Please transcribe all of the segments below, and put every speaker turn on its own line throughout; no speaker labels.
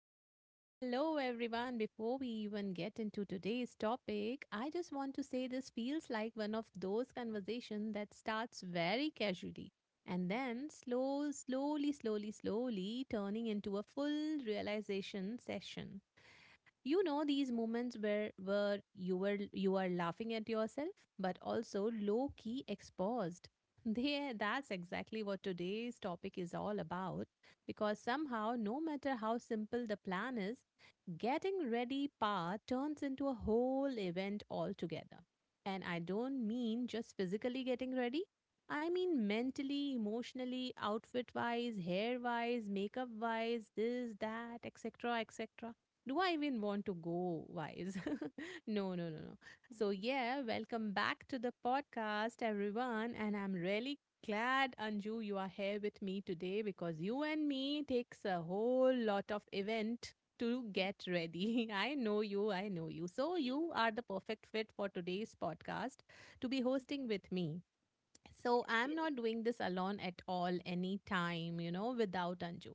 okay. Hello, everyone. Before we even get into today's topic, I just want to say this feels like one of those conversations that starts very casually and then slowly turning into a full realization session. You know these moments where you were you are laughing at yourself, but also low key exposed. There, that's exactly what today's topic is all about. Because somehow, no matter how simple the plan is, getting ready part turns into a whole event altogether. And I don't mean just physically getting ready. I mean mentally, emotionally, outfit wise, hair wise, makeup wise, this, that, etc., etc do I even want to go wise? No, no, no, no. So, yeah, welcome back to the podcast, everyone. And I'm really glad, Anju, you are here with me today because you and me takes a whole lot of event to get ready. I know you, I know you. So, you are the perfect fit for today's podcast to be hosting with me. So, I'm not doing this alone at all, anytime, without Anju.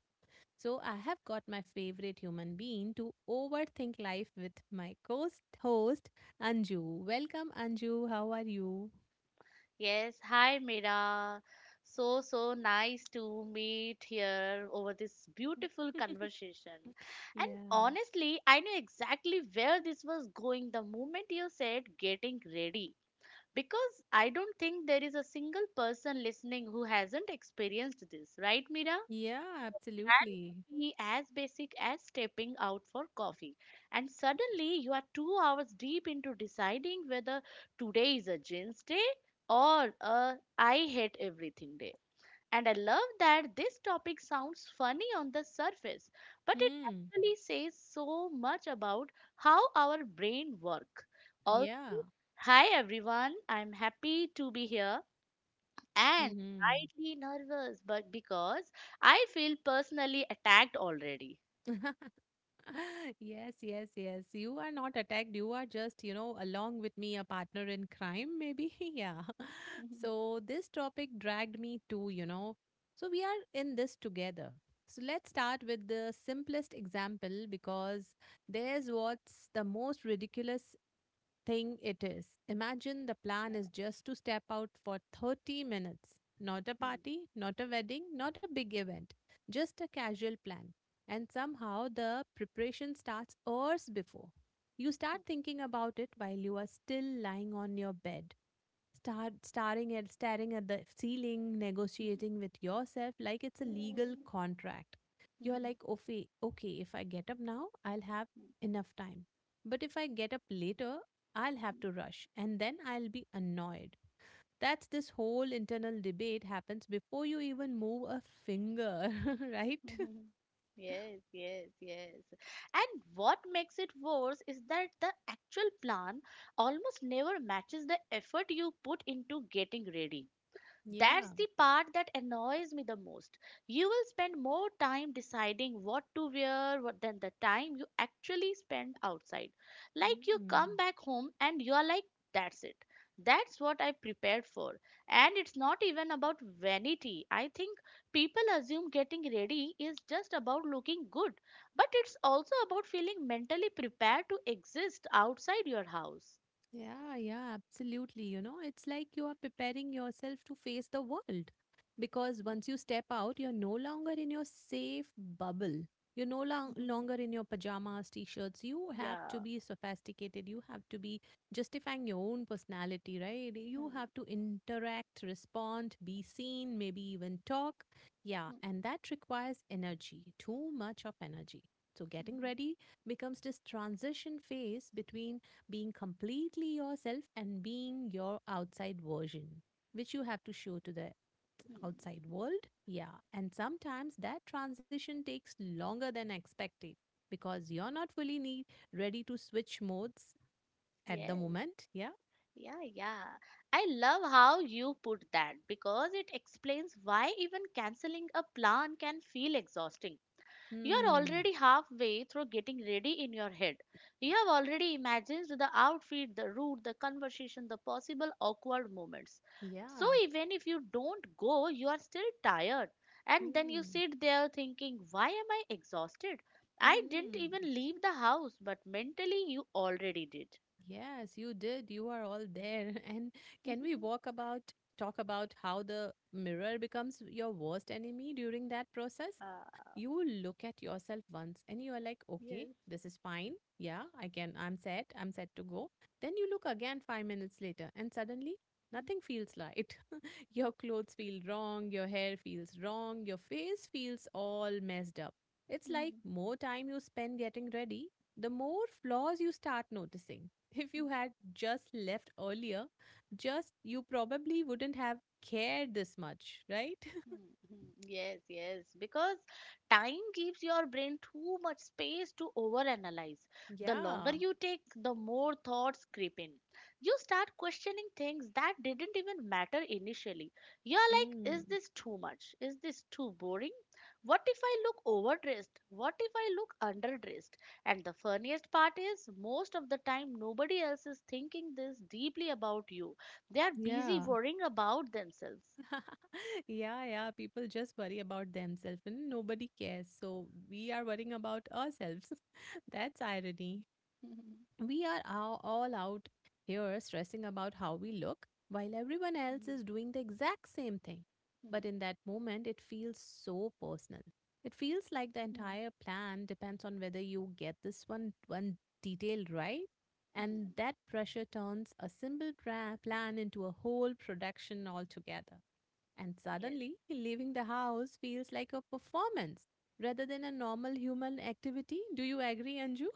So I have got my favorite human being to overthink life with my co-host host, Anju. Welcome Anju, how are you?
Yes, hi Mira. So nice to meet here over this beautiful conversation. And
Yeah.
honestly, I knew exactly where this was going the moment you said getting ready. Because I don't think there is a single person listening who hasn't experienced this, right, Mira?
Yeah,
That
absolutely.
could be as basic as stepping out for coffee. And suddenly you are 2 hours deep into deciding whether today is a jeans day or a I hate everything day. And I love that this topic sounds funny on the surface, but it
Hmm.
actually says so much about how our brain work. Also,
Yeah.
hi everyone, I'm happy to be here and
Mm-hmm.
slightly nervous, but because I feel personally attacked already.
Yes, yes, yes. You are not attacked. You are just, along with me, a partner in crime, maybe. Yeah. So this topic dragged me too, you know. So we are in this together. So let's start with the simplest example because there's what's the most ridiculous thing it is. Imagine the plan is just to step out for 30 minutes. Not a party, not a wedding, not a big event, just a casual plan. And somehow the preparation starts hours before. You start thinking about it while you are still lying on your bed. Start staring at the ceiling, negotiating with yourself like it's a legal contract. You're like, okay, okay, if I get up now, I'll have enough time. But if I get up later, I'll have to rush and then I'll be annoyed. That's this whole internal debate happens before you even move a finger, right?
Yes, yes, yes. And what makes it worse is that the actual plan almost never matches the effort you put into getting ready. That's
Yeah.
the part that annoys me the most. You will spend more time deciding what to wear than the time you actually spend outside. Like you come
Mm.
back home and you are like, that's it. That's what I prepared for. And it's not even about vanity. I think people assume getting ready is just about looking good, but it's also about feeling mentally prepared to exist outside your house.
Yeah, yeah, absolutely. You know, it's like you are preparing yourself to face the world because once you step out, you're no longer in your safe bubble. You're no long,
Mhm.
longer in your pajamas, t shirts. You have to
Yeah.
be sophisticated. You have to be justifying your own personality, right? You
Mhm.
have to interact, respond, be seen, maybe even talk. Yeah, and that requires energy, too much of energy. So, getting
Mhm.
ready becomes this transition phase between being completely yourself and being your outside version, which you have to show to the
Mhm.
outside world. Yeah. And sometimes that transition takes longer than expected because you're not fully need, ready to switch modes at the
Yes,
moment. Yeah.
yeah, yeah. I love how you put that because it explains why even canceling a plan can feel exhausting. You're
Hmm.
already halfway through getting ready in your head. You have already imagined the outfit, the route, the conversation, the possible awkward moments. So
Yeah.
even if you don't go, you are still tired. And then you
Hmm.
sit there thinking, why am I exhausted? I didn't
Hmm.
even leave the house, but mentally you already did.
Yes, you did. You are all there. And can we walk about talk about how the mirror becomes your worst enemy during that process?
Ah.
You will look at yourself once and you are like, okay,
Yes.
this is fine. Yeah, I'm I'm set to go. Then you look again 5 minutes later and suddenly nothing feels right. Your clothes feel wrong, your hair feels wrong, your face feels all messed up. It's
Mhm.
like
Mhm.
more time you spend getting ready, the more flaws you start noticing. If you had just left earlier, just you probably wouldn't have cared this much, right?
Hmm, hmm. Yes, yes, because time gives your brain too much space to overanalyze. The
Yeah.
longer you take, the more thoughts creep in. You start questioning things that didn't even matter initially. You're like,
Hmm.
is this too much? Is this too boring? What if I look overdressed? What if I look underdressed? And the funniest part is, most of the time, nobody else is thinking this deeply about you. They are busy
Yeah.
worrying about themselves.
Yeah, yeah. People just worry about themselves and nobody cares. So we are worrying about ourselves. That's irony. We are all out here stressing about how we look while everyone else is doing the exact same thing. But
Hmm.
in that moment, it feels so personal. It feels like the
Hmm.
entire plan depends on whether you get this one detail right.
Hmm.
And that pressure turns a plan into a whole production altogether. And
Yes.
suddenly, leaving the house feels like a performance rather than a normal human activity. Do you agree, Anju?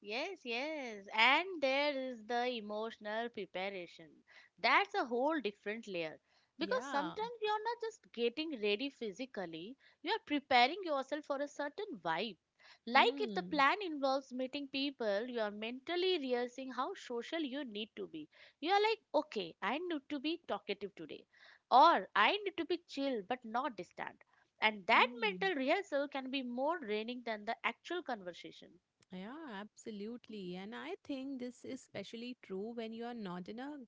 Yes, yes. And there is the emotional preparation. That's a whole different layer. Because
Yeah.
sometimes you're not just getting ready physically, you are preparing yourself for a certain vibe. Like if the
Hmm.
plan involves meeting people, you are mentally rehearsing how social you need to be. You are like, okay, I need to be talkative today, or I need to be chill but not distant. And that
Hmm.
mental rehearsal can be more draining than the actual conversation.
Yeah, absolutely. And I think this is especially true when you are not in a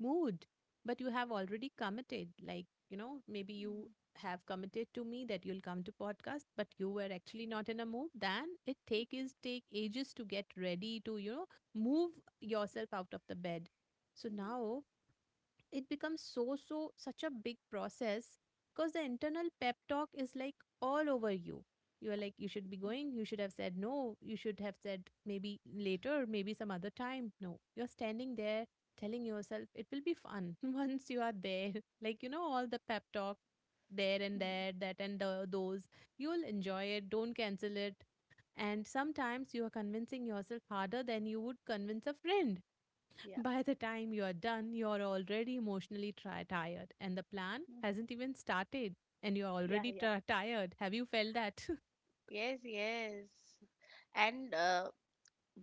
mood, but you have already committed. Like, you know, maybe you have committed to me that you'll come to podcast, but you were actually not in a mood. Then it take ages to get ready to, you know, move yourself out of the bed. So
Mm.
now it becomes such a big process because the internal pep talk is like all over you, you are like you should be going, you should have said no, you should have said maybe later, maybe some other time. No, you're standing there telling yourself it will be fun once you are there. Like, you know, all the pep talk there and
Mm.
there, those you'll enjoy it, don't cancel it. And sometimes you are convincing yourself harder than you would convince a friend.
Yeah.
By the time you are done, you're already emotionally tired, and the plan
Mm.
hasn't even started, and you're
Yeah.
already
Yeah.
tired. Have you felt that?
Yes, yes. And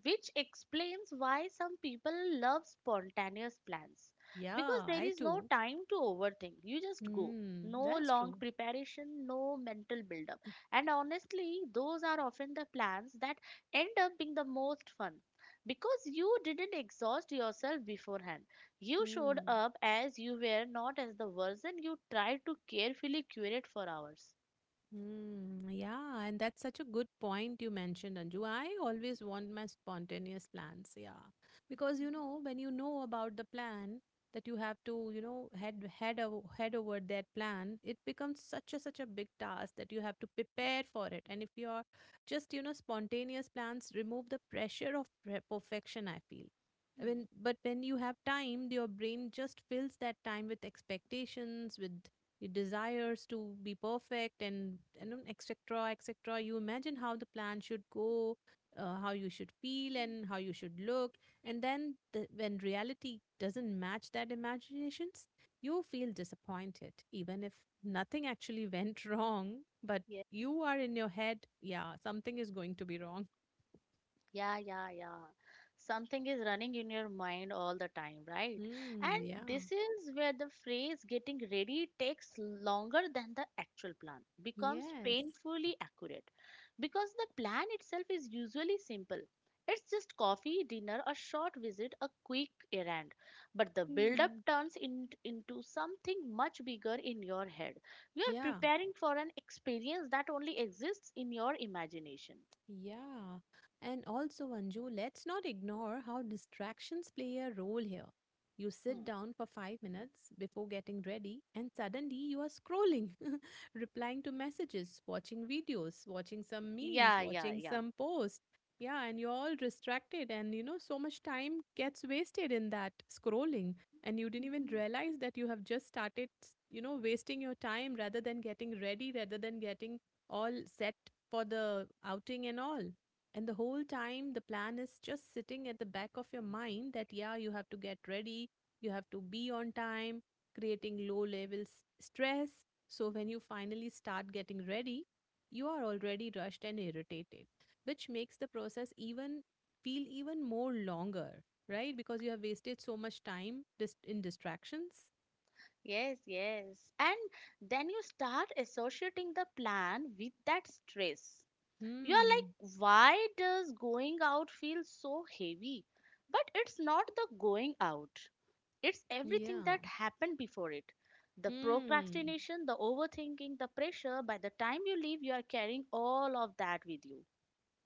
which explains why some people love spontaneous plans.
Yeah,
Because there
I
is no
do.
time to overthink. You just go.
Hmm,
No
that's
long
true.
preparation, no mental build-up. And honestly, those are often the plans that end up being the most fun. Because you didn't exhaust yourself beforehand. You showed
Hmm.
up as you were, not as the version you tried to carefully curate for hours.
Hmm, yeah, and that's such a good point you mentioned, Anju. I always want my spontaneous plans, yeah. Because you know, when you know about the plan that you have to, you know, head over that plan, it becomes such a big task that you have to prepare for it. And if you are just, you know, spontaneous plans, remove the pressure of perfection, I feel. I
Hmm.
mean, but when you have time, your brain just fills that time with expectations, with your desires to be perfect and etc etc. You imagine how the plan should go, how you should feel and how you should look. And then when reality doesn't match that imaginations, you feel disappointed even if nothing actually went wrong. But
Yeah,
you are in your head, yeah, something is going to be wrong.
yeah, yeah, yeah. Something is running in your mind all the time, right?
Hmm.
And
Yeah.
this is where the phrase getting ready takes longer than the actual plan, becomes
Yes.
painfully accurate. Because the plan itself is usually simple. It's just coffee, dinner, a short visit, a quick errand. But the build-up
Hmm.
into something much bigger in your head. You are
Yeah.
preparing for an experience that only exists in your imagination.
Yeah. And also, Anju, let's not ignore how distractions play a role here. You sit
Hmm.
down for 5 minutes before getting ready, and suddenly you are scrolling, replying to messages, watching videos, watching some memes,
Yeah, yeah,
watching
yeah.
some posts. Yeah, and you're all distracted, and you know, so much time gets wasted in that scrolling, and you didn't even realize that you have just started, you know, wasting your time rather than getting ready, rather than getting all set for the outing and all. And the whole time, the plan is just sitting at the back of your mind that, yeah, you have to get ready, you have to be on time, creating low level stress. So when you finally start getting ready, you are already rushed and irritated, which makes the process even feel even more longer, right? Because you have wasted so much time in distractions.
Yes, yes. And then you start associating the plan with that stress. You are
Hmm.
like, why does going out feel so heavy? But it's not the going out, it's everything
Yeah.
that happened before it. The
Hmm.
procrastination, the overthinking, the pressure, by the time you leave, you are carrying all of that with you.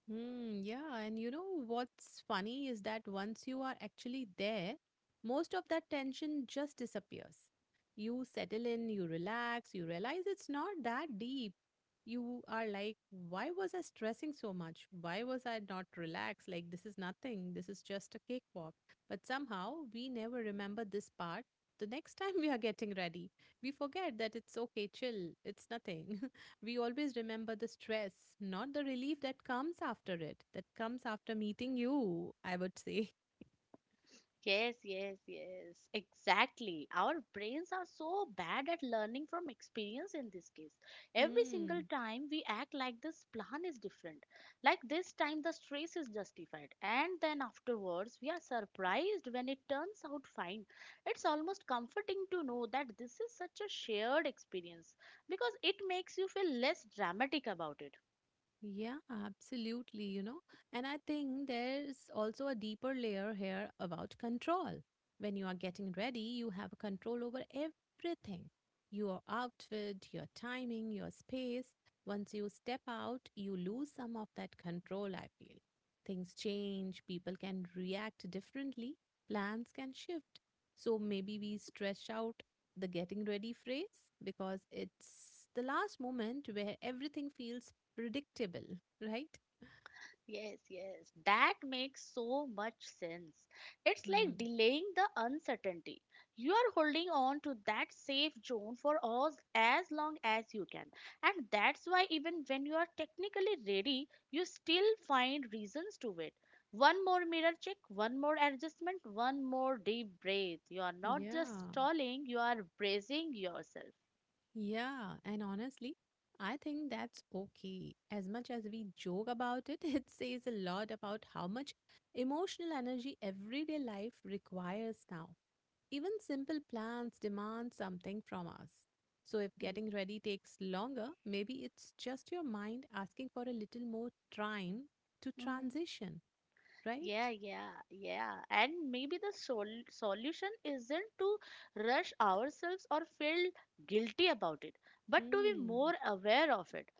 Hmm, yeah, and you know what's funny is that once you are actually there, most of that tension just disappears. You settle in, you relax, you realize it's not that deep. You are like, why was I stressing so much? Why was I not relaxed? Like, this is nothing. This is just a cakewalk. But somehow we never remember this part. The next time we are getting ready, we forget that it's okay, chill, it's nothing. We always remember the stress, not the relief that comes after it, that comes after meeting you, I would say.
Yes, yes, yes. Exactly. Our brains are so bad at learning from experience in this case. Every single
Hmm.
time we act like this plan is different. Like this time the stress is justified. And then afterwards we are surprised when it turns out fine. It's almost comforting to know that this is such a shared experience because it makes you feel less dramatic about it.
Yeah, absolutely, you know. And I think there's also a deeper layer here about control. When you are getting ready, you have control over everything, your outfit, your timing, your space. Once you step out, you lose some of that control, I feel. Things change, people can react differently, plans can shift. So maybe we stretch out the getting ready phrase because it's the last moment where everything feels predictable, right?
Yes, yes, that makes so much sense. It's like
Hmm.
delaying the uncertainty. You are holding on to that safe zone for us as long as you can. And that's why, even when you are technically ready, you still find reasons to wait. One more mirror check, one more adjustment, one more deep breath. You are not just
Yeah.
stalling, you are bracing yourself.
Yeah. And honestly, I think that's okay. As much as we joke about it, it says a lot about how much emotional energy everyday life requires now. Even simple plans demand something from us. So if getting ready takes longer, maybe it's just your mind asking for a little more time to
Hmm.
transition, right?
Yeah, yeah, yeah. And maybe the solution isn't to rush ourselves or feel guilty about it, but to be
Hmm.
more aware of it.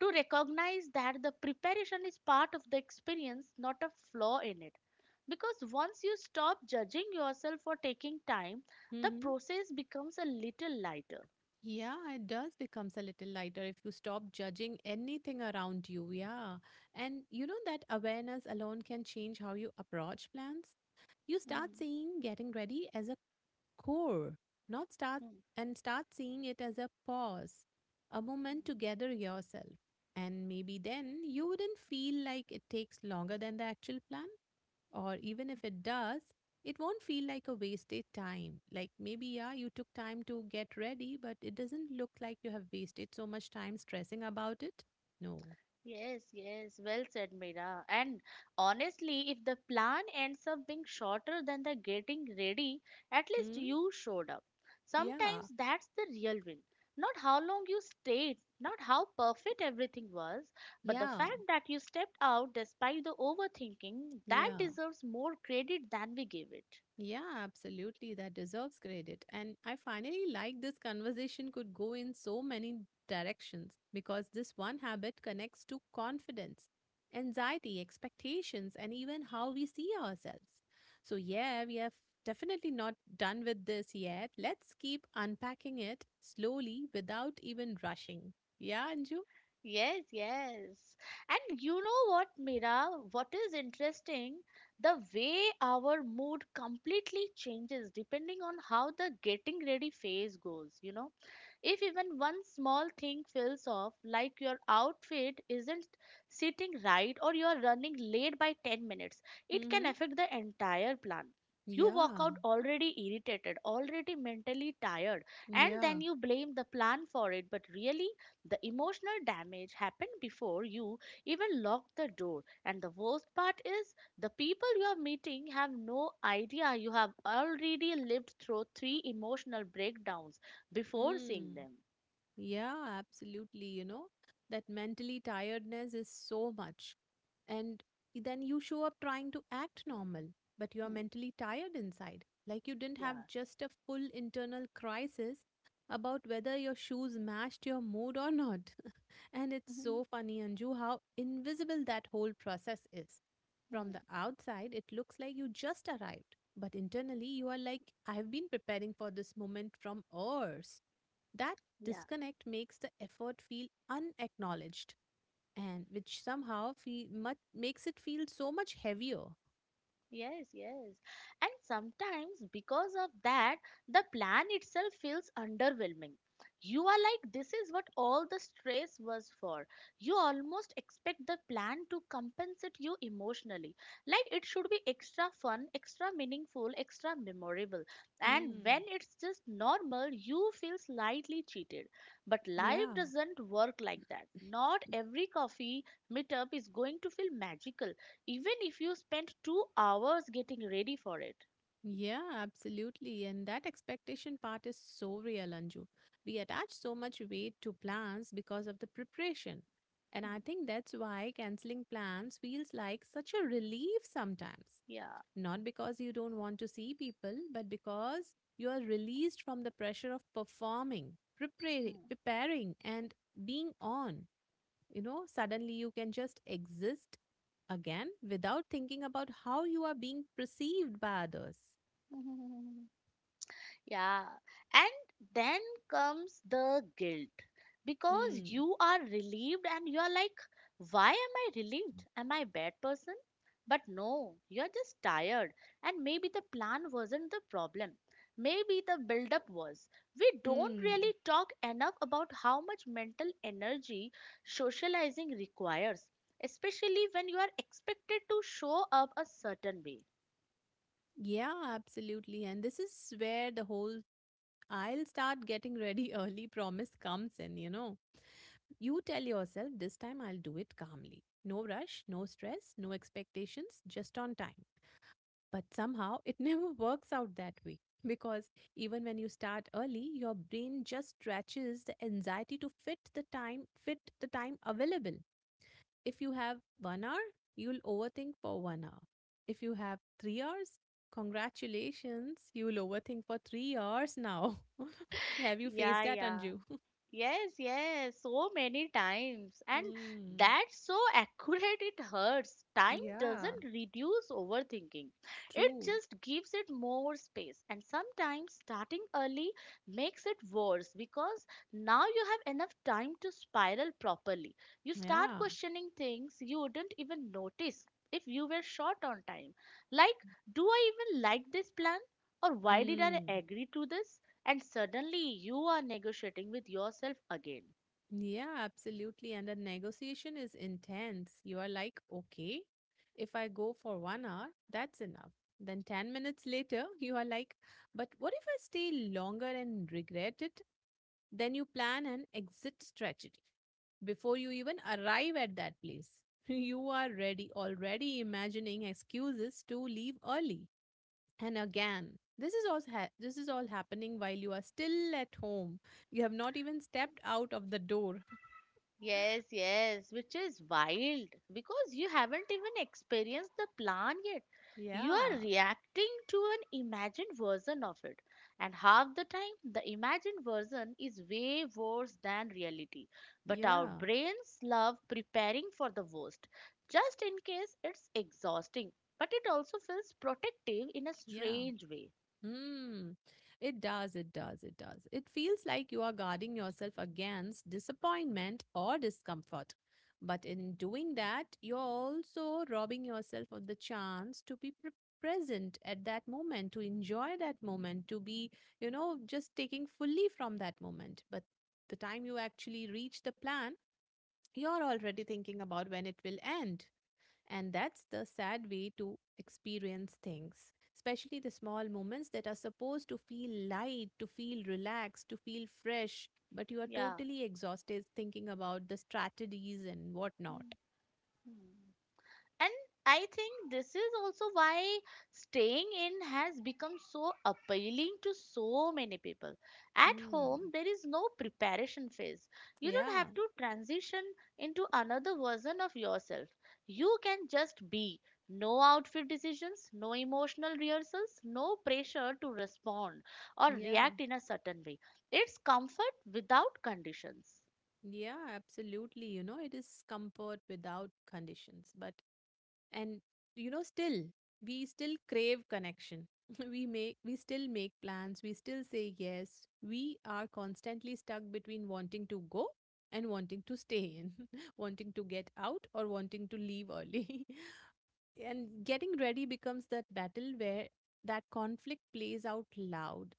To recognize that the preparation is part of the experience, not a flaw in it. Because once you stop judging yourself for taking time, the
Mm-hmm.
process becomes a little lighter.
Yeah, it does becomes a little lighter if you stop judging anything around you. Yeah. And you know that awareness alone can change how you approach plans. You start
Mhm,
seeing getting ready as a core, not start,
mhm,
and start seeing it as a pause, a
mhm.
moment to gather yourself. And maybe then you wouldn't feel like it takes longer than the actual plan. Or even if it does, it won't feel like a wasted time. Like maybe, yeah, you took time to get ready, but it doesn't look like you have wasted so much time stressing about it. No.
Yes, yes, well said, Mira. And honestly, if the plan ends up being shorter than the getting ready, at least
Hmm?
you showed up.
Yeah.
Sometimes that's the real win. Not how long you stayed, not how perfect everything was, but the
Yeah.
fact that you stepped out despite the overthinking, that
Yeah.
deserves more credit than we give it.
Yeah, absolutely. That deserves credit. And I finally like this conversation could go in so many directions because this one habit connects to confidence, anxiety, expectations, and even how we see ourselves. So, yeah, we have definitely not done with this yet. Let's keep unpacking it slowly without even rushing. Yeah, Anju?
Yes, yes. And you know what, Mira? What is interesting? The way our mood completely changes depending on how the getting ready phase goes, you know? If even one small thing feels off, like your outfit isn't sitting right or you're running late by 10 minutes, it can
Mm-hmm.
affect the entire plan. You walk
Yeah.
out already irritated, already mentally tired, and then
Yeah.
you blame the plan for it, but really, the emotional damage happened before you even locked the door. And the worst part is, the people you are meeting have no idea you have already lived through 3 emotional breakdowns before seeing
Mm.
them.
Yeah, absolutely. You know, that mentally tiredness is so much. And then you show up trying to act normal, but you're
Hmm.
mentally tired inside. Like you didn't
Yeah,
have just a full internal crisis about whether your shoes matched your mood or not. And it's so
Hmm.
funny, Anju, how invisible that whole process is. From
Hmm.
the outside, it looks like you just arrived, but internally, you are like, I've been preparing for this moment from hours that
yeah.
disconnect makes the effort feel unacknowledged, and which somehow feel much makes it feel so much heavier.
Yes, yes. And sometimes because of that, the plan itself feels underwhelming. You are like, this is what all the stress was for. You almost expect the plan to compensate you emotionally. Like it should be extra fun, extra meaningful, extra memorable. And
Hmm.
when it's just normal, you feel slightly cheated. But life
Yeah.
doesn't work like that. Not every coffee meetup is going to feel magical even if you spend 2 hours getting ready for it.
Yeah, absolutely. And that expectation part is so real, Anju. We attach so much weight to plans because of the preparation. And I
Hmm.
think that's why canceling plans feels like such a relief sometimes.
Yeah.
Not because you don't want to see people, but because you are released from the pressure of performing,
Hmm.
preparing, and being on. You know, suddenly you can just exist again without thinking about how you are being perceived by others.
Hmm. Yeah, and then comes the guilt because
Hmm.
you are relieved and you are like, why am I relieved? Am I a bad person? But no, you're just tired, and maybe the plan wasn't the problem. Maybe the build-up was. We don't
Hmm.
really talk enough about how much mental energy socializing requires, especially when you are expected to show up a certain way.
Yeah, absolutely. And this is where the whole I'll start getting ready early promise comes in, you know. You tell yourself, this time I'll do it calmly. No rush, no stress, no expectations, just on time. But somehow it never works out that way because even when you start early, your brain just stretches the anxiety to fit the time available. If you have 1 hour, you'll overthink for 1 hour. If you have 3 hours, congratulations, you'll overthink for 3 hours now. Have you faced
Yeah,
that,
yeah.
Anju?
Yes, yes, so many times. And
Hmm.
that's so accurate it hurts. Time
Yeah,
doesn't reduce overthinking, it
true.
just gives it more space. And sometimes starting early makes it worse because now you have enough time to spiral properly. You start
Yeah.
questioning things you wouldn't even notice if you were short on time. Like, do I even like this plan? Or why did I
Mm.
agree to this? And suddenly you are negotiating with yourself again.
Yeah, absolutely. And the negotiation is intense. You are like, okay, if I go for 1 hour, that's enough. Then 10 minutes later, you are like, but what if I stay longer and regret it? Then you plan an exit strategy before you even arrive at that place. You are ready, already imagining excuses to leave early. And again, this is all happening while you are still at home. You have not even stepped out of the door.
Yes, yes. Which is wild because you haven't even experienced the plan yet. You are
Yeah.
reacting to an imagined version of it, and half the time, the imagined version is way worse than reality. But our
Yeah.
brains love preparing for the worst, just in case it's exhausting, but it also feels protective in a
Yeah.
strange way.
Hmm, it does. It feels like you are guarding yourself against disappointment or discomfort. But in doing that, you're also robbing yourself of the chance to be present at that moment, to enjoy that moment, to be, you know, just taking fully from that moment. But the time you actually reach the plan, you're already thinking about when it will end. And that's the sad way to experience things, especially the small moments that are supposed to feel light, to feel relaxed, to feel fresh, but you are
Yeah.
totally exhausted thinking about the strategies and whatnot.
Mhm. And I think this is also why staying in has become so appealing to so many people. At home,
Hmm.
there is no preparation phase. You don't
Yeah,
have to transition into another version of yourself. You can just be. No outfit decisions, no emotional rehearsals, no pressure to respond or
yeah,
react in a certain way. It's comfort without conditions.
yeah, absolutely. You know, it is comfort without conditions, but and you know still we still crave connection. We still make plans, we still say yes, we are constantly stuck between wanting to go and wanting to stay in, wanting to get out or wanting to leave early. And getting ready becomes that battle where that conflict plays out loud.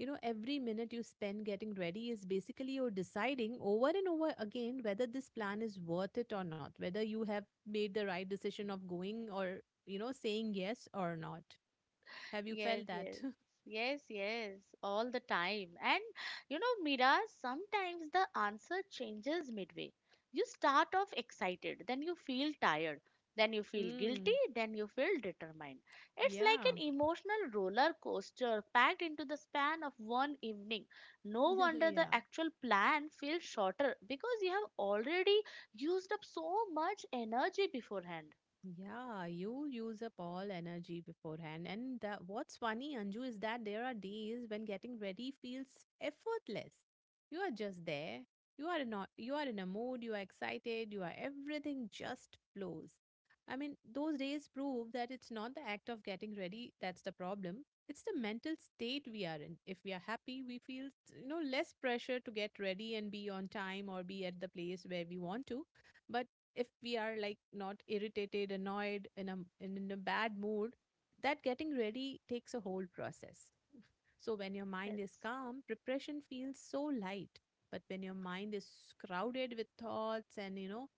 You know, every minute you spend getting ready is basically you're deciding over and over again whether this plan is worth it or not, whether you have made the right decision of going or, you know, saying yes or not. Have you felt
Yes,
that?
yes. Yes, yes, all the time. And you know, Mira, sometimes the answer changes midway. You start off excited, then you feel tired, then you feel guilty,
Mm,
then you feel determined. It's like
yeah.
an emotional roller coaster packed into the span of one evening. No wonder the
Yeah.
actual plan feels shorter because you have already used up so much energy beforehand.
Yeah, you use up all energy beforehand. And the, what's funny, Anju, is that there are days when getting ready feels effortless. You are just there. You are not. You are in a mood. You are excited. You are everything just flows. I mean, those days prove that it's not the act of getting ready that's the problem. It's the mental state we are in. If we are happy, we feel you know less pressure to get ready and be on time or be at the place where we want to. But if we are like not irritated, annoyed, in a bad mood, that getting ready takes a whole process. So when your mind is
Yes,
calm, preparation feels so light. But when your mind is crowded with thoughts and you know,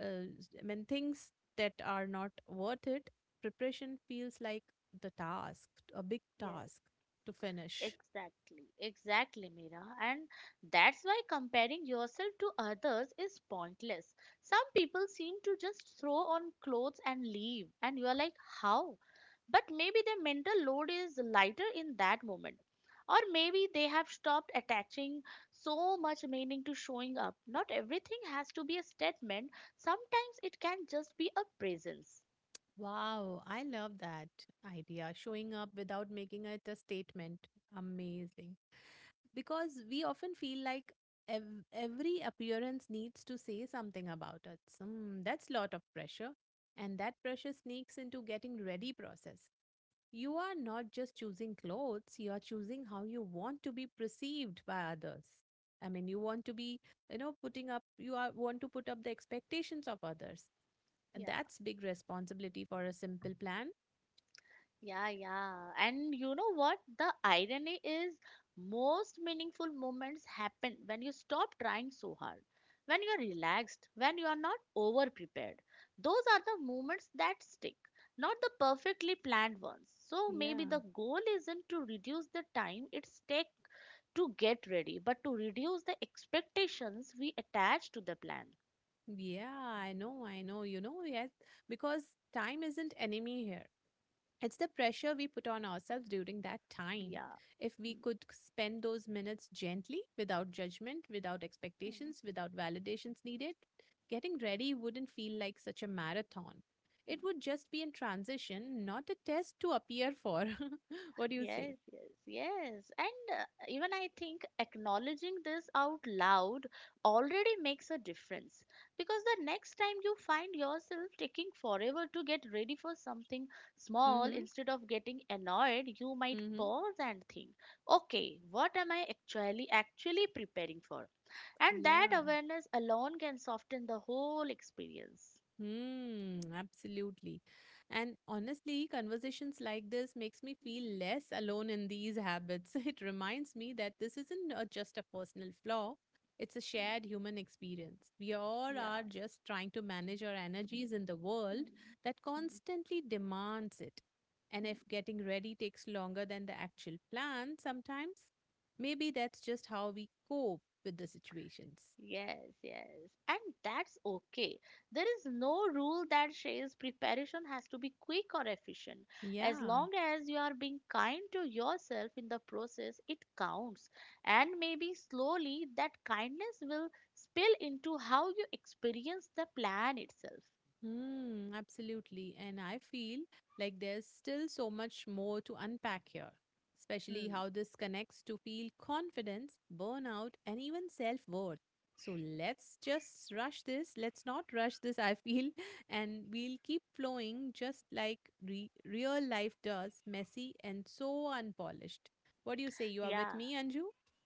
I things that are not worth it, preparation feels like the task, a big task
yes.
to finish.
Exactly, exactly, Mira. And that's why comparing yourself to others is pointless. Some people seem to just throw on clothes and leave, and you're like, how? But maybe their mental load is lighter in that moment. Or maybe they have stopped attaching so much meaning to showing up. Not everything has to be a statement, sometimes it can just be a presence.
Wow, I love that idea. Showing up without making it a statement. Amazing. Because we often feel like every appearance needs to say something about us. Mm, that's lot of pressure, and that pressure sneaks into getting ready process. You are not just choosing clothes; you are choosing how you want to be perceived by others. I mean, you want to be, you know, putting up. You are want to put up the expectations of others. And
Yeah.
that's big responsibility for a simple plan.
Yeah, yeah. And you know what? The irony is most meaningful moments happen when you stop trying so hard, when you're relaxed, when you are not over prepared. Those are the moments that stick, not the perfectly planned ones. So maybe
Yeah,
the goal isn't to reduce the time it's take to get ready, but to reduce the expectations we attach to the plan.
yeah, I know. You know, yes, because time isn't enemy here. It's the pressure we put on ourselves during that time.
Yeah.
If we
Mm.
could spend those minutes gently, without judgment, without
Mm.
expectations, without validations needed, getting ready wouldn't feel like such a marathon. It would just be in transition, not a test to appear for. What do you say?
Yes, yes, yes. And even I think acknowledging this out loud already makes a difference because the next time you find yourself taking forever to get ready for something
Mm
small,
hmm.
instead of getting annoyed, you might
Mm hmm.
pause and think, okay, what am I actually preparing for? And that
Yeah.
awareness alone can soften the whole experience.
Hmm, absolutely. And honestly, conversations like this makes me feel less alone in these habits. It reminds me that this isn't just a personal flaw, it's a shared
Mm.
human experience. We all
Yeah.
are just trying to manage our energies in the world
Mm,
that
mm,
constantly demands it. And
mm.
if getting ready takes longer than the actual plan sometimes, maybe that's just how we cope with the situations.
Yes, yes. And that's okay. There is no rule that says preparation has to be quick or efficient. As
Yeah.
long as you are being kind to yourself in the process, it counts. And maybe slowly that kindness will spill into how you experience the plan itself.
Hmm, absolutely. And I feel like there's still so much more to unpack here, especially
Hmm.
how this connects to feel confidence, burnout, and even self worth. So let's just rush this. Let's not rush this, I feel. And we'll keep flowing just like real life does, messy and so unpolished. What do you say? You are with
Yeah.
me, Anju?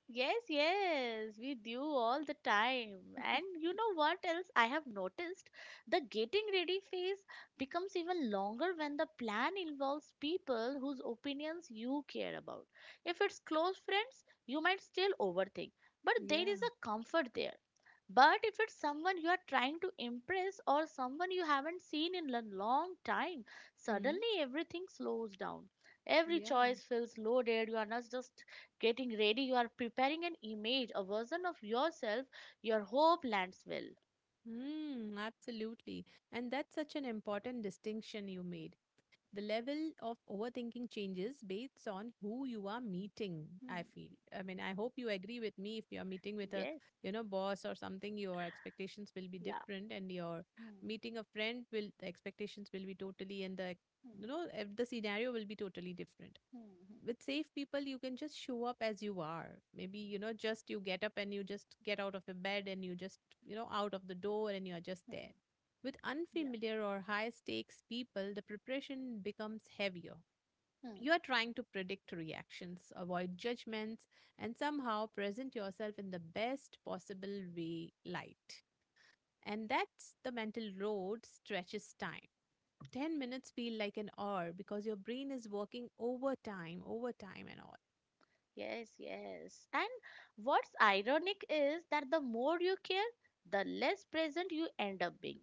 Yes, yes, we do all the time. And you know what else I have noticed? The getting ready phase becomes even longer when the plan involves people whose opinions you care about. If it's close friends, you might still overthink, but there is
Yeah.
a comfort there. But if it's someone you are trying to impress or someone you haven't seen in a long time,
Hmm.
suddenly everything slows down. Every
Yeah.
choice feels loaded. You are not just getting ready, you are preparing an image, a version of yourself. Your hope lands well.
Hmm. Absolutely. And that's such an important distinction you made. The level of overthinking changes based on who you are meeting, I
Hmm.
feel. I mean, I hope you agree with me. If you're meeting with a,
Yes.
you know, boss or something, your expectations will be
Yeah.
different. And your
Hmm.
meeting a friend will, the expectations will be totally, and the,
Hmm.
you know, the scenario will be totally different.
Hmm.
With safe people, you can just show up as you are. Maybe, you know, just you get up and you just get out of the bed and you just, you know, out of the door and you are just
Hmm. Hmm.
there. With
Yeah.
unfamiliar or high stakes people, the preparation becomes heavier.
Hmm.
You are trying to predict reactions, avoid judgments, and somehow present yourself in the best possible way light. And that's the mental road stretches time. 10 minutes feel like an hour because your brain is working overtime and all.
Yes, yes. And what's ironic is that the more you care, the less present you end up being.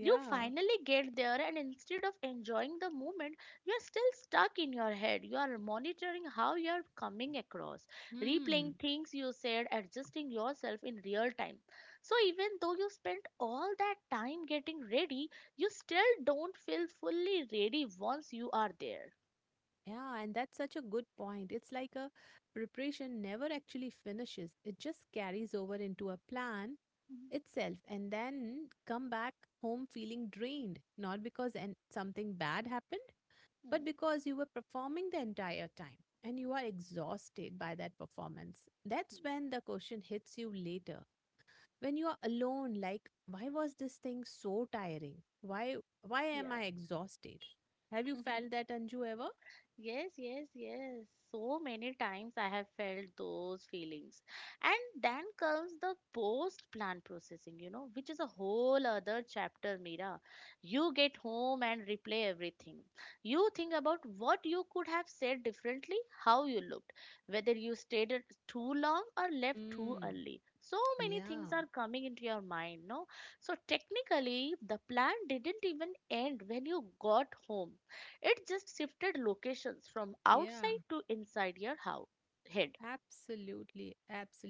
You finally get there, and instead of enjoying the moment, you're still stuck in your head. You are monitoring how you're coming across,
Hmm.
replaying things you said, adjusting yourself in real time. So, even though you spent all that time getting ready, you still don't feel fully ready once you are there.
Yeah, and that's such a good point. It's like a preparation never actually finishes. It just carries over into a plan
Mhm.
itself and then come back home feeling drained, not because and something bad happened,
Hmm,
but because you were performing the entire time and you are exhausted by that performance. That's
hmm.
when the question hits you later. When you are alone, like, why was this thing so tiring? why why am I
Yeah.
exhausted? Have you felt that, Anju, ever?
Yes, yes, yes. So many times I have felt those feelings. And then comes the post plan processing, you know, which is a whole other chapter, Mira. You get home and replay everything. You think about what you could have said differently, how you looked, whether you too long or left too
Mm.
early. So many things
Yeah,
are coming into your mind, no? So technically, the plan didn't even end when you got home, it just shifted locations from
yeah.
outside to inside your house head.
Absolutely,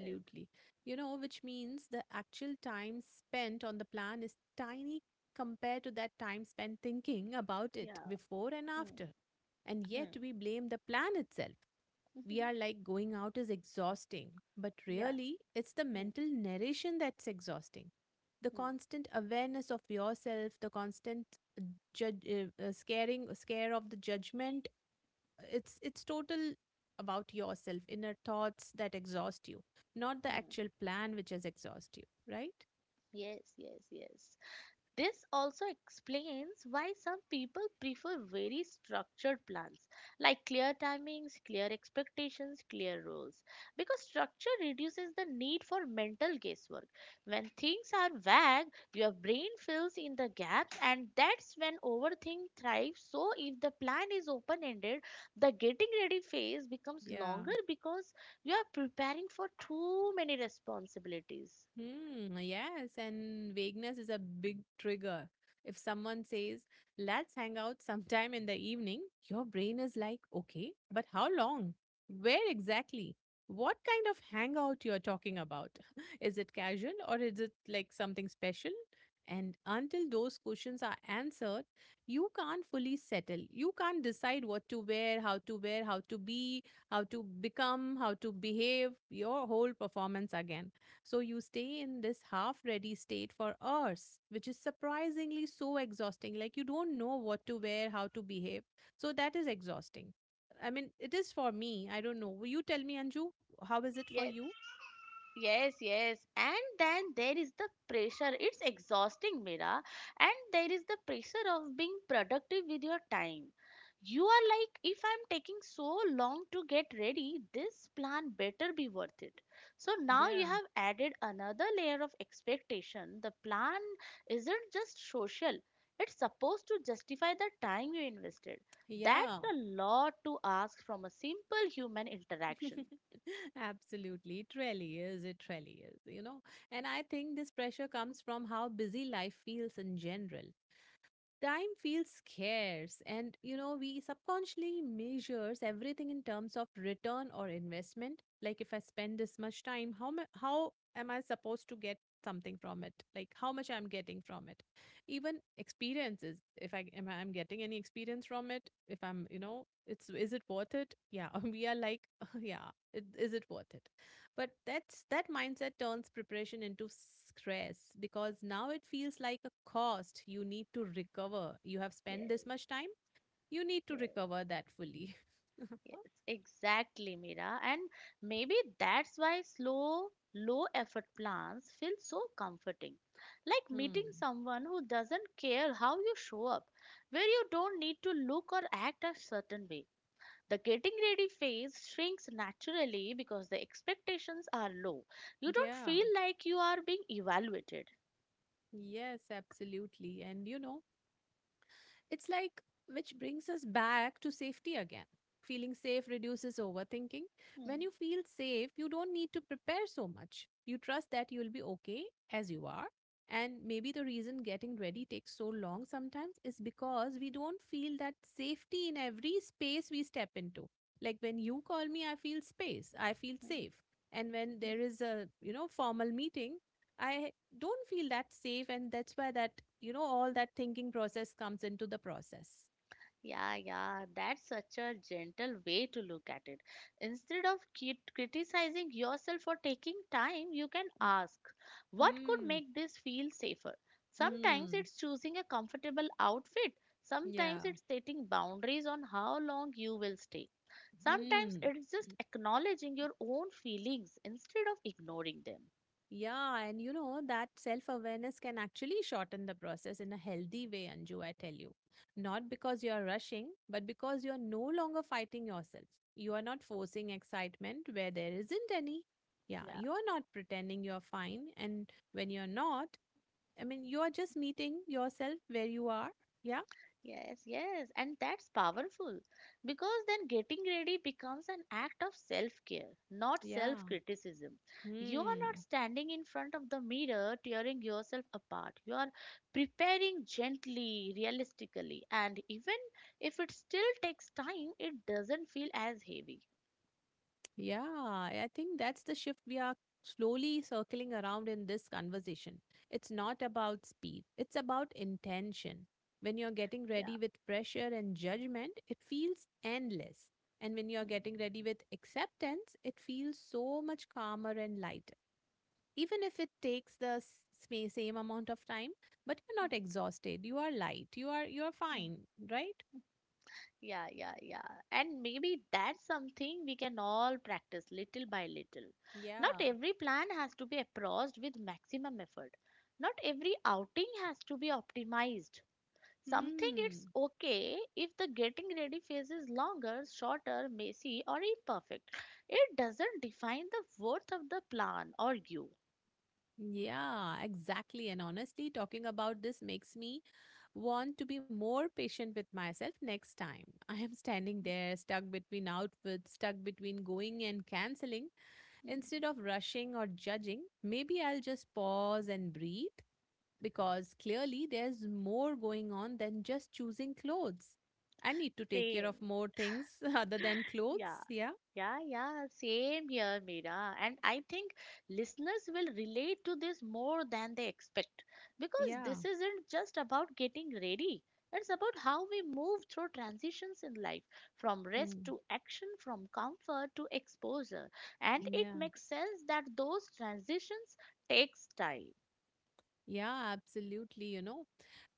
Uh,
You know, which means the actual time spent on the plan is tiny compared to that time spent thinking about it
Yeah.
before and
Mm,
after. And
mm.
yet we blame the plan itself. We are like going out is exhausting, but
Yeah.
really it's the
Mm,
mental narration that's exhausting. The
mm,
constant awareness of yourself, the constant scare of the judgment, it's total about yourself, inner thoughts that exhaust you, not the
mm.
actual plan which has exhaust you, right?
Yes, yes, yes. This also explains why some people prefer very structured plans like clear timings, clear expectations, clear rules because structure reduces the need for mental guesswork. When things are vague, your brain fills in the gaps and that's when overthink thrives. So if the plan is open-ended, the getting ready phase becomes
Yeah.
longer because you are preparing for too many responsibilities.
Hmm, yes, and vagueness is a big trigger. If someone says, let's hang out sometime in the evening, your brain is like, okay, but how long? Where exactly? What kind of hangout you're talking about? Is it casual or is it like something special? And until those questions are answered, you can't fully settle. You can't decide what to wear, how to wear, how to be, how to become, how to behave, your whole performance again, so you stay in this half ready state for hours, which is surprisingly so exhausting. Like you don't know what to wear, how to behave. So that is exhausting. I mean, it is for me. I don't know. Will you tell me, Anju, how is it for
Yes.
you?
Yes, yes. And then there is the pressure. It's exhausting, Mira. And there is the pressure of being productive with your time. You are like, if I'm taking so long to get ready, this plan better be worth it. So now you
Yeah.
have added another layer of expectation. The plan isn't just social, it's supposed to justify the time you invested. That's
Yeah.
a lot to ask from a simple human interaction.
Absolutely. It really is. It really is. And I think this pressure comes from how busy life feels in general. Time feels scarce, and you know we subconsciously measures everything in terms of return or investment. Like if I spend this much time, how am I supposed to get something from it, like how much I'm getting from it? Even experiences, if I'm getting any experience from it, if I'm, you know, it's, is it worth it? Yeah. We are like, yeah, it, is it worth it? But that mindset turns preparation into stress because now it feels like a cost you need to recover. You have
Yes,
spent this much time, you need to
yes.
recover that fully.
Yes, exactly, Mira. And maybe that's why slow, low effort plans feel so comforting. Like
Hmm.
meeting someone who doesn't care how you show up, where you don't need to look or act a certain way. The getting ready phase shrinks naturally because the expectations are low. You don't
Yeah.
feel like you are being evaluated.
Yes, absolutely. And you know, it's like, which brings us back to safety again. Feeling safe reduces overthinking.
Hmm,
When you feel safe, you don't need to prepare so much. You trust that you'll be okay as you are. And maybe the reason getting ready takes so long sometimes is because we don't feel that safety in every space we step into. Like when you call me, I feel space, I feel
hmm,
safe. And when
hmm. Hmm.
there is a, you know, formal meeting, I don't feel that safe, and that's where that, you know, all that thinking process comes into the process.
Yeah, yeah, that's such a gentle way to look at it. Instead of criticizing yourself for taking time, you can ask, what could
Hmm.
make this feel safer? Sometimes
Hmm.
it's choosing a comfortable outfit,
Yeah.
sometimes it's setting boundaries on how long you will stay. Sometimes
Hmm.
it's just acknowledging your own feelings instead of ignoring them.
Yeah, and you know that self awareness can actually shorten the process in a healthy way, Anju, I tell you. Not because you are rushing, but because you are no longer fighting yourself. You are not forcing excitement where there isn't any. Yeah,
Yeah.
you are not pretending you are fine and when you're not. I mean, you are just meeting yourself where you are. Yeah.
Yes, yes, and that's powerful because then getting ready becomes an act of self care, not self
Yeah.
criticism. You are not
Hmm.
standing in front of the mirror tearing yourself apart. You are preparing gently, realistically, and even if it still takes time, it doesn't feel as heavy.
Yeah. I think that's the shift we are slowly circling around in this conversation. It's not about speed, it's about intention. When you're getting
Yeah.
ready with pressure and judgment, it feels endless. And when you're
Mm,
getting ready with acceptance, it feels so much calmer and lighter. Even if it takes the same amount of time, but you're
mm,
not exhausted. You are light. You are fine,
mm.
right?
Yeah, yeah, yeah. And maybe that's something we can all practice little by little. Not
Yeah.
every plan has to be approached with maximum effort. Not every outing has to be optimized. Something it's
Hmm.
okay if the getting ready phase is longer, shorter, messy, or imperfect. It doesn't define the worth of the plan or you.
Yeah, exactly. And honestly, talking about this makes me want to be more patient with myself next time. I am standing there, stuck between outfits, stuck between going and canceling.
Hmm.
Instead of rushing or judging, maybe I'll just pause and breathe because clearly there's more going on than just choosing clothes. I need to take care
Same.
of more things other than
Yeah.
clothes. Yeah.
Yeah, yeah, same here, Mira. And I think listeners will relate to this more than they expect because
Yeah.
this isn't just about getting ready. It's about how we move through transitions in life, from rest
Hmm.
to action, from comfort to exposure. And it
Yeah.
makes sense that those transitions takes time.
Yeah, absolutely. You know,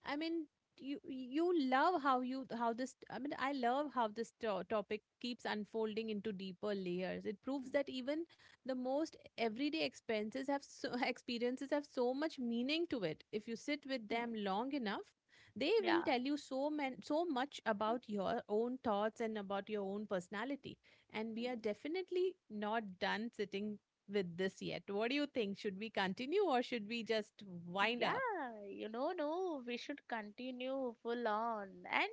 I mean, you love how you how this. I mean, I love how this topic keeps unfolding into deeper layers. It proves
Hmm,
that even the most everyday expenses have so, experiences have so much meaning to it. If you sit with
hmm.
them long enough, they will
Yeah.
tell you so man, so much about your own thoughts and about your own personality. And we are
Hmm.
definitely not done sitting with this yet. What do you think? Should we continue, or should we just wind up?
Yeah, you know, no, we should continue full on. And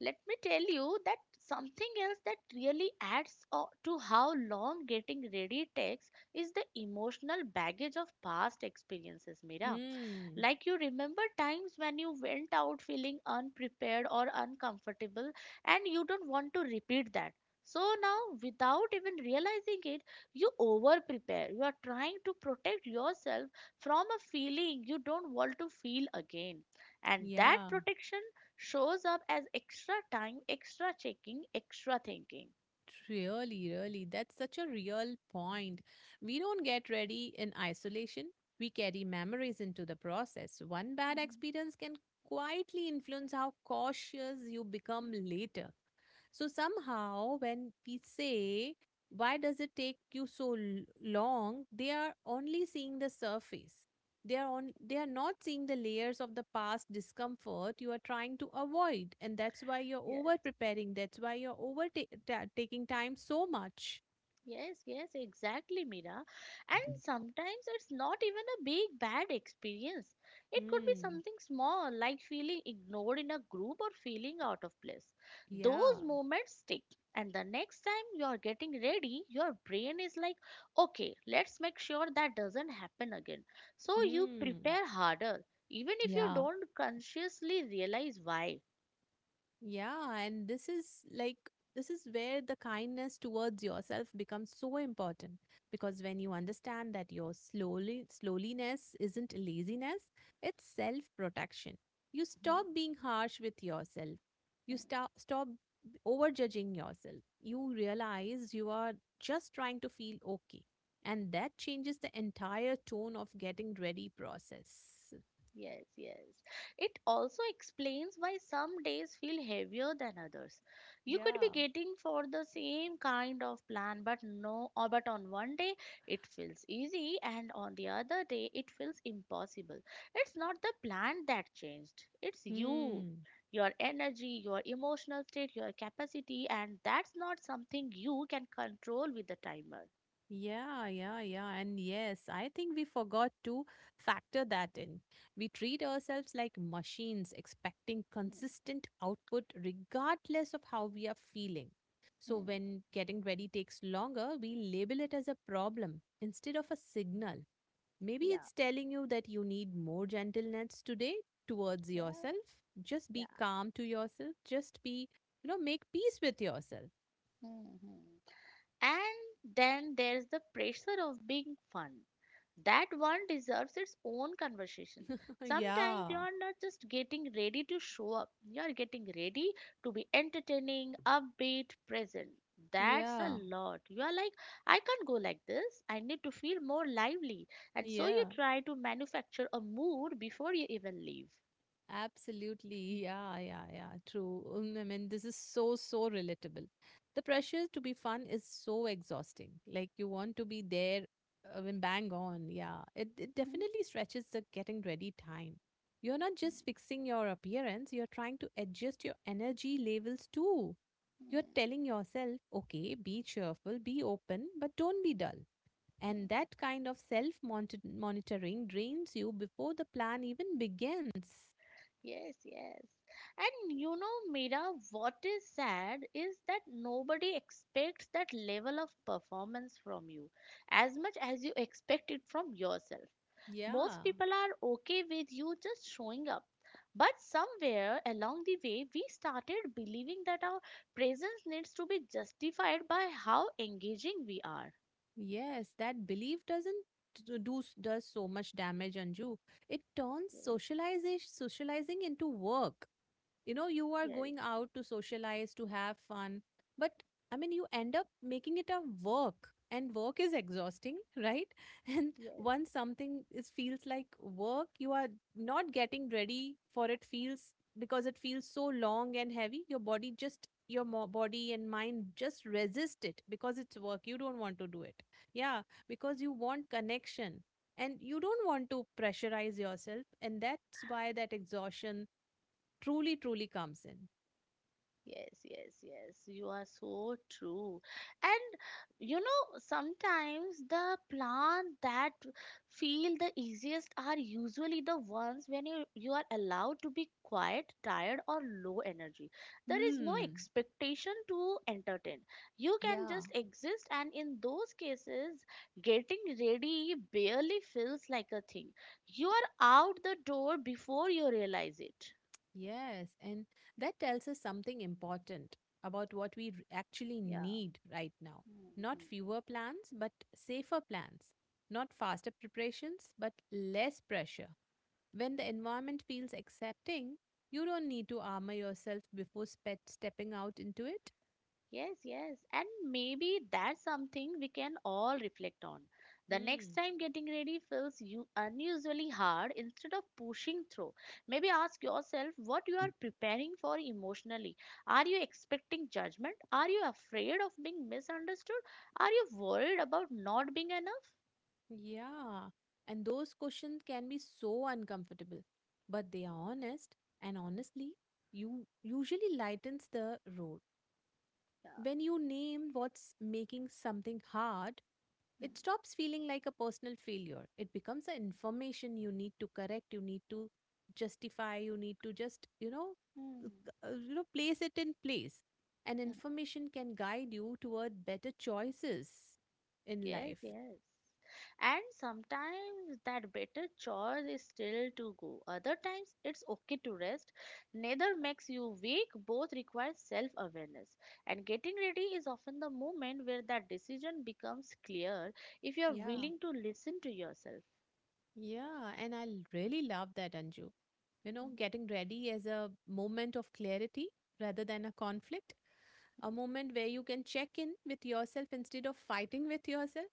let me tell you that something else that really to how long getting ready takes is the emotional baggage of past experiences, Mira.
Hmm.
Like you remember times when you went out feeling unprepared or uncomfortable and you don't want to repeat that. So now, without even realizing it, you over prepare. You are trying to protect yourself from a feeling you don't want to feel again. And that
Yeah,
protection shows up as extra time, extra checking, extra thinking.
really, really. That's such a real point. We don't get ready in isolation. We carry memories into the process. One bad
Mhm.
experience can quietly influence how cautious you become later. So somehow, when we say, why does it take you so long? They are only seeing the surface. They are not seeing the layers of the past discomfort you are trying to avoid. And that's why you're over
Yes.
preparing. That's why you're over taking time so much.
Yes, yes, exactly, Mira. And sometimes it's not even a big bad experience. It could be
Hmm.
something small, like feeling ignored in a group or feeling out of place.
Yeah.
Those moments stick. And the next time you're getting ready, your brain is like, okay, let's make sure that doesn't happen again. So you
Hmm.
prepare harder, even if you
Yeah.
don't consciously realize why.
Yeah, and this is like, this is where the kindness towards yourself becomes so important, because when you understand that your slowly slowliness isn't laziness, it's self-protection. You
Mhm.
stop being harsh with yourself. You stop overjudging yourself. You realize you are just trying to feel okay. And that changes the entire tone of getting ready process.
Yes, yes. It also explains why some days feel heavier than others. You could be
Yeah.
getting for the same kind of plan, but no, or but on one day it feels easy, and on the other day it feels impossible. It's not the plan that changed, it's you,
Hmm.
your energy, your emotional state, your capacity, and that's not something you can control with the timer.
Yeah, yeah, yeah. And yes, I think we forgot to factor that in. We treat ourselves like machines, expecting
Hmm,
consistent output regardless of how we are feeling. So
hmm.
when getting ready takes longer, we label it as a problem instead of a signal. Maybe
Yeah,
it's telling you that you need more gentleness today towards
yeah,
yourself. Just
yeah.
be calm to yourself. Just be, you know, make peace with yourself.
Hmm, hmm. And then there's the pressure of being fun. That one deserves its own conversation. Sometimes
Yeah,
you're not just getting ready to show up, you're getting ready to be entertaining, upbeat, present. That's a
yeah,
lot. You are like, I can't go like this. I need to feel more lively. And so you
yeah.
try to manufacture a mood before you even leave.
Absolutely. Yeah, yeah, yeah. True. Mm, I mean, this is so, so relatable. The pressure to be fun is so exhausting. Like, you want to be there when bang on. Yeah. It definitely stretches the getting ready time. You're not just fixing your appearance, you're trying to adjust your energy levels too. You're telling yourself, okay, be cheerful, be open, but don't be dull. And that kind of self monitoring drains you before the plan even begins.
Yes, yes. And you know, Mira, what is sad is that nobody expects that level of performance from you as much as you expect it from yourself.
Yeah,
Most people are okay with you just showing up. But somewhere along the way, we started believing that our presence needs to be justified by how engaging we are.
yes, that belief doesn't does so much damage, Anju. It turns
Yes,
socialization socializing into work. You know, you are
yes,
going out to socialize to have fun, but I mean, you end up making it a work, and work is exhausting, right? And
yes.
once something is feels like work, you are not getting ready for it feels because it feels so long and heavy. Your body just your body and mind just resist it because it's work, you don't want to do it. Yeah, because you want connection, and you don't want to pressurize yourself, and that's why that exhaustion truly, truly comes in.
Yes, yes, yes. You are so true. And you know, sometimes the plants that feel the easiest are usually the ones when you are allowed to be quiet, tired, or low energy. There is no
Hmm.
expectation to entertain. You can
Yeah.
just exist, and in those cases, getting ready barely feels like a thing. You are out the door before you realize it.
Yes. And that tells us something important about what we actually
Yeah.
need right now. Not
Mhm.
fewer plans, but safer plans. Not faster preparations, but less pressure. When the environment feels accepting, you don't need to armor yourself before stepping out into it.
Yes, yes. And maybe that's something we can all reflect on. The next
Hmm.
time getting ready feels you unusually hard instead of pushing through. Maybe ask yourself what you are preparing for emotionally. Are you expecting judgment? Are you afraid of being misunderstood? Are you worried about not being enough?
Yeah, and those questions can be so uncomfortable, but they are honest, and honestly, you usually lightens the road.
Yeah.
When you name what's making something hard, it stops feeling like a personal failure. It becomes an information you need to correct, you need to justify, you need to just, you know, c-
Hmm.
you know, place it in place. And
Hmm.
information can guide you toward better choices in
Yes,
life.
yes. And sometimes that better choice is still to go. Other times it's okay to rest. Neither makes you weak, both require self awareness. And getting ready is often the moment where that decision becomes clear if you are
Yeah.
willing to listen to yourself.
Yeah, and I really love that, Anju. You know,
Mhm.
getting ready as a moment of clarity rather than a conflict, a moment where you can check in with yourself instead of fighting with yourself.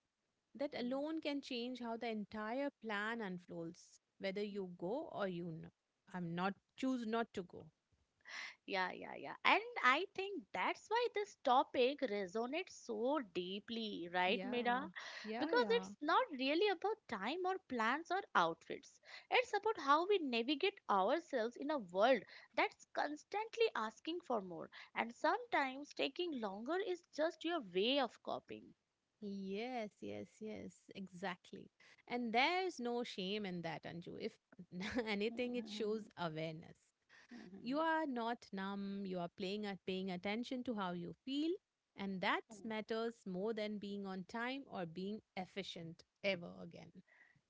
That alone can change how the entire plan unfolds, whether you go or, you know, I'm not choose not to go.
Yeah, yeah, yeah. And I think that's why this topic resonates so deeply, right,
Yeah,
Mira?
yeah,
Because
yeah.
it's not really about time or plans or outfits. It's about how we navigate ourselves in a world that's constantly asking for more. And sometimes taking longer is just your way of coping.
Yes, yes, yes, exactly. And there's no shame in that, Anju. If anything, it shows awareness. You are not numb, you are playing at paying attention to how you feel, and that matters more than being on time or being efficient ever again.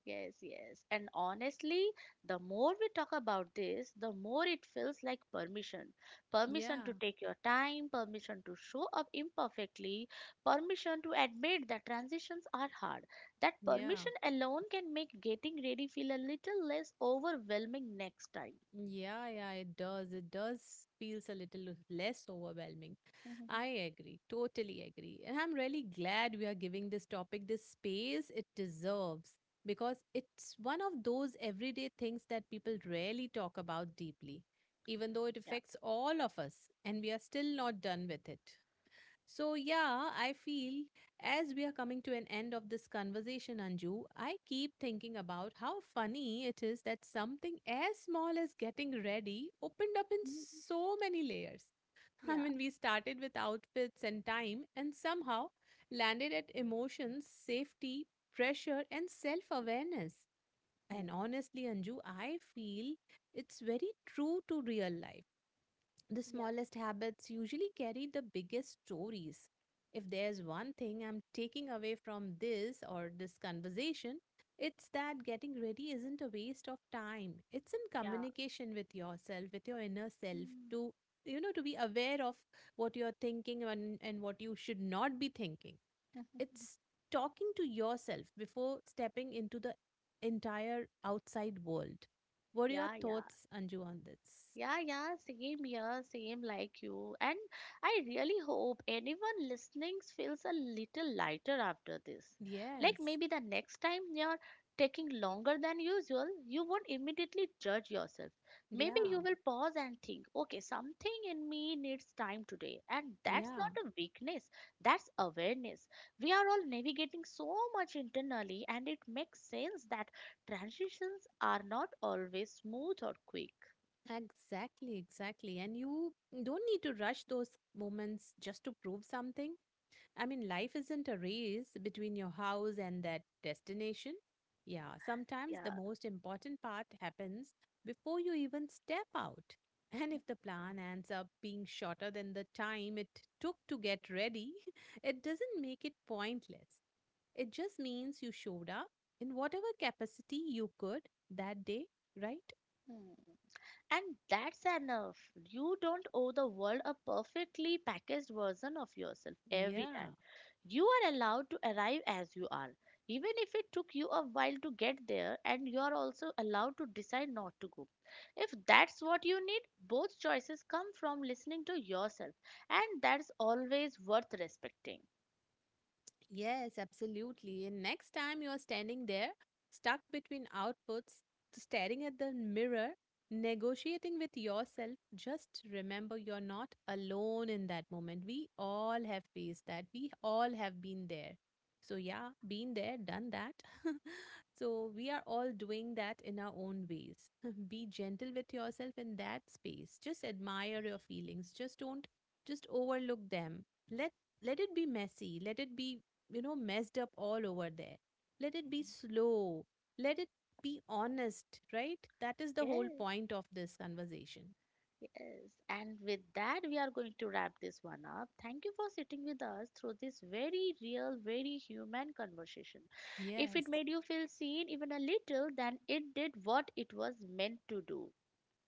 Yes, yes. And honestly, the more we talk about this, the more it feels like permission. Permission
Yeah,
to take your time, permission to show up imperfectly, permission to admit that transitions are hard. That
yeah.
permission alone can make getting ready feel a little less overwhelming next time.
Yeah, yeah, it does. It does feels a little less overwhelming.
Mhm.
I agree, totally agree. And I'm really glad we are giving this topic the space it deserves because it's one of those everyday things that people rarely talk about deeply, even though it
Yeah.
affects all of us, and we are still not done with it. So, yeah, I feel as we are coming to an end of this conversation, Anju, I keep thinking about how funny it is that something as small as getting ready opened up in
Mhm.
so many layers. I
Yeah.
mean, we started with outfits and time, and somehow landed at emotions, safety, pressure, and self awareness.
Hmm.
And honestly, Anju, I feel it's very true to real life. The
Yeah.
smallest habits usually carry the biggest stories. If there's one thing I'm taking away from this conversation, it's that getting ready isn't a waste of time. It's in
Hmm. Yeah.
communication with yourself, with your inner self,
Hmm.
to you know, to be aware of what you're thinking and what you should not be thinking. It's talking to yourself before stepping into the entire outside world. What are your
Yeah, yeah.
thoughts, Anju, on this?
Yeah, yeah, same here, same like you. And I really hope anyone listening feels a little lighter after this. Like
Yes.
maybe the next time you're taking longer than usual, you won't immediately judge yourself. Maybe
Yeah,
you will pause and think, okay, something in me needs time today. And that's
yeah,
not a weakness, that's awareness. We are all navigating so much internally, and it makes sense that transitions are not always smooth or quick.
exactly, exactly. And you don't need to rush those moments just to prove something. I mean, life isn't a race between your house and that destination. Yeah, sometimes the
Yeah.
most important part happens before you even step out. And if the plan ends up being shorter than the time it took to get ready, it doesn't make it pointless. It just means you showed up in whatever capacity you could that day, right?
Hmm. And that's enough. You don't owe the world a perfectly packaged version of yourself every
Yeah.
time. You are allowed to arrive as you are, even if it took you a while to get there, and you are also allowed to decide not to go. If that's what you need, both choices come from listening to yourself, and that's always worth respecting.
Yes, absolutely. And next time you're standing there, stuck between outputs, staring at the mirror, negotiating with yourself, just remember you're not alone in that moment. We all have faced that, we all have been there. So, yeah, been there, done that. So, we are all doing that in our own ways. Be gentle with yourself in that space. Just admire your feelings. Just don't just overlook them. Let let it be messy, let it be, you know, messed up all over there. Let it be slow. Let it be honest, right? That is the whole
Yes.
point of this conversation.
Yes, and with that, we are going to wrap this one up. Thank you for sitting with us through this very real, very human conversation. If it
Yes.
made you feel seen even a little, then it did what it was meant to do.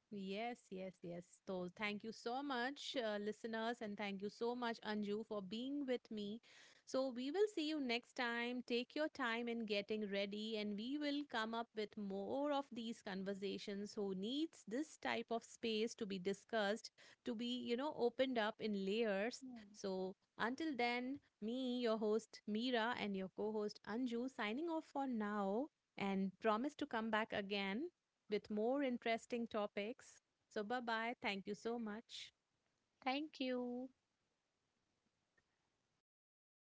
Yes, yes, yes. So thank you so much, listeners, and thank you so much, Anju, for being with me. So we will see you next time. Take your time in getting ready, and we will come up with more of these conversations who needs this type of space to be discussed, to be, you know, opened up in layers.
Hmm.
So until then, me, your host Mira, and your co-host Anju signing off for now and promise to come back again with more interesting topics. So, bye bye. Thank you so much.
Thank you.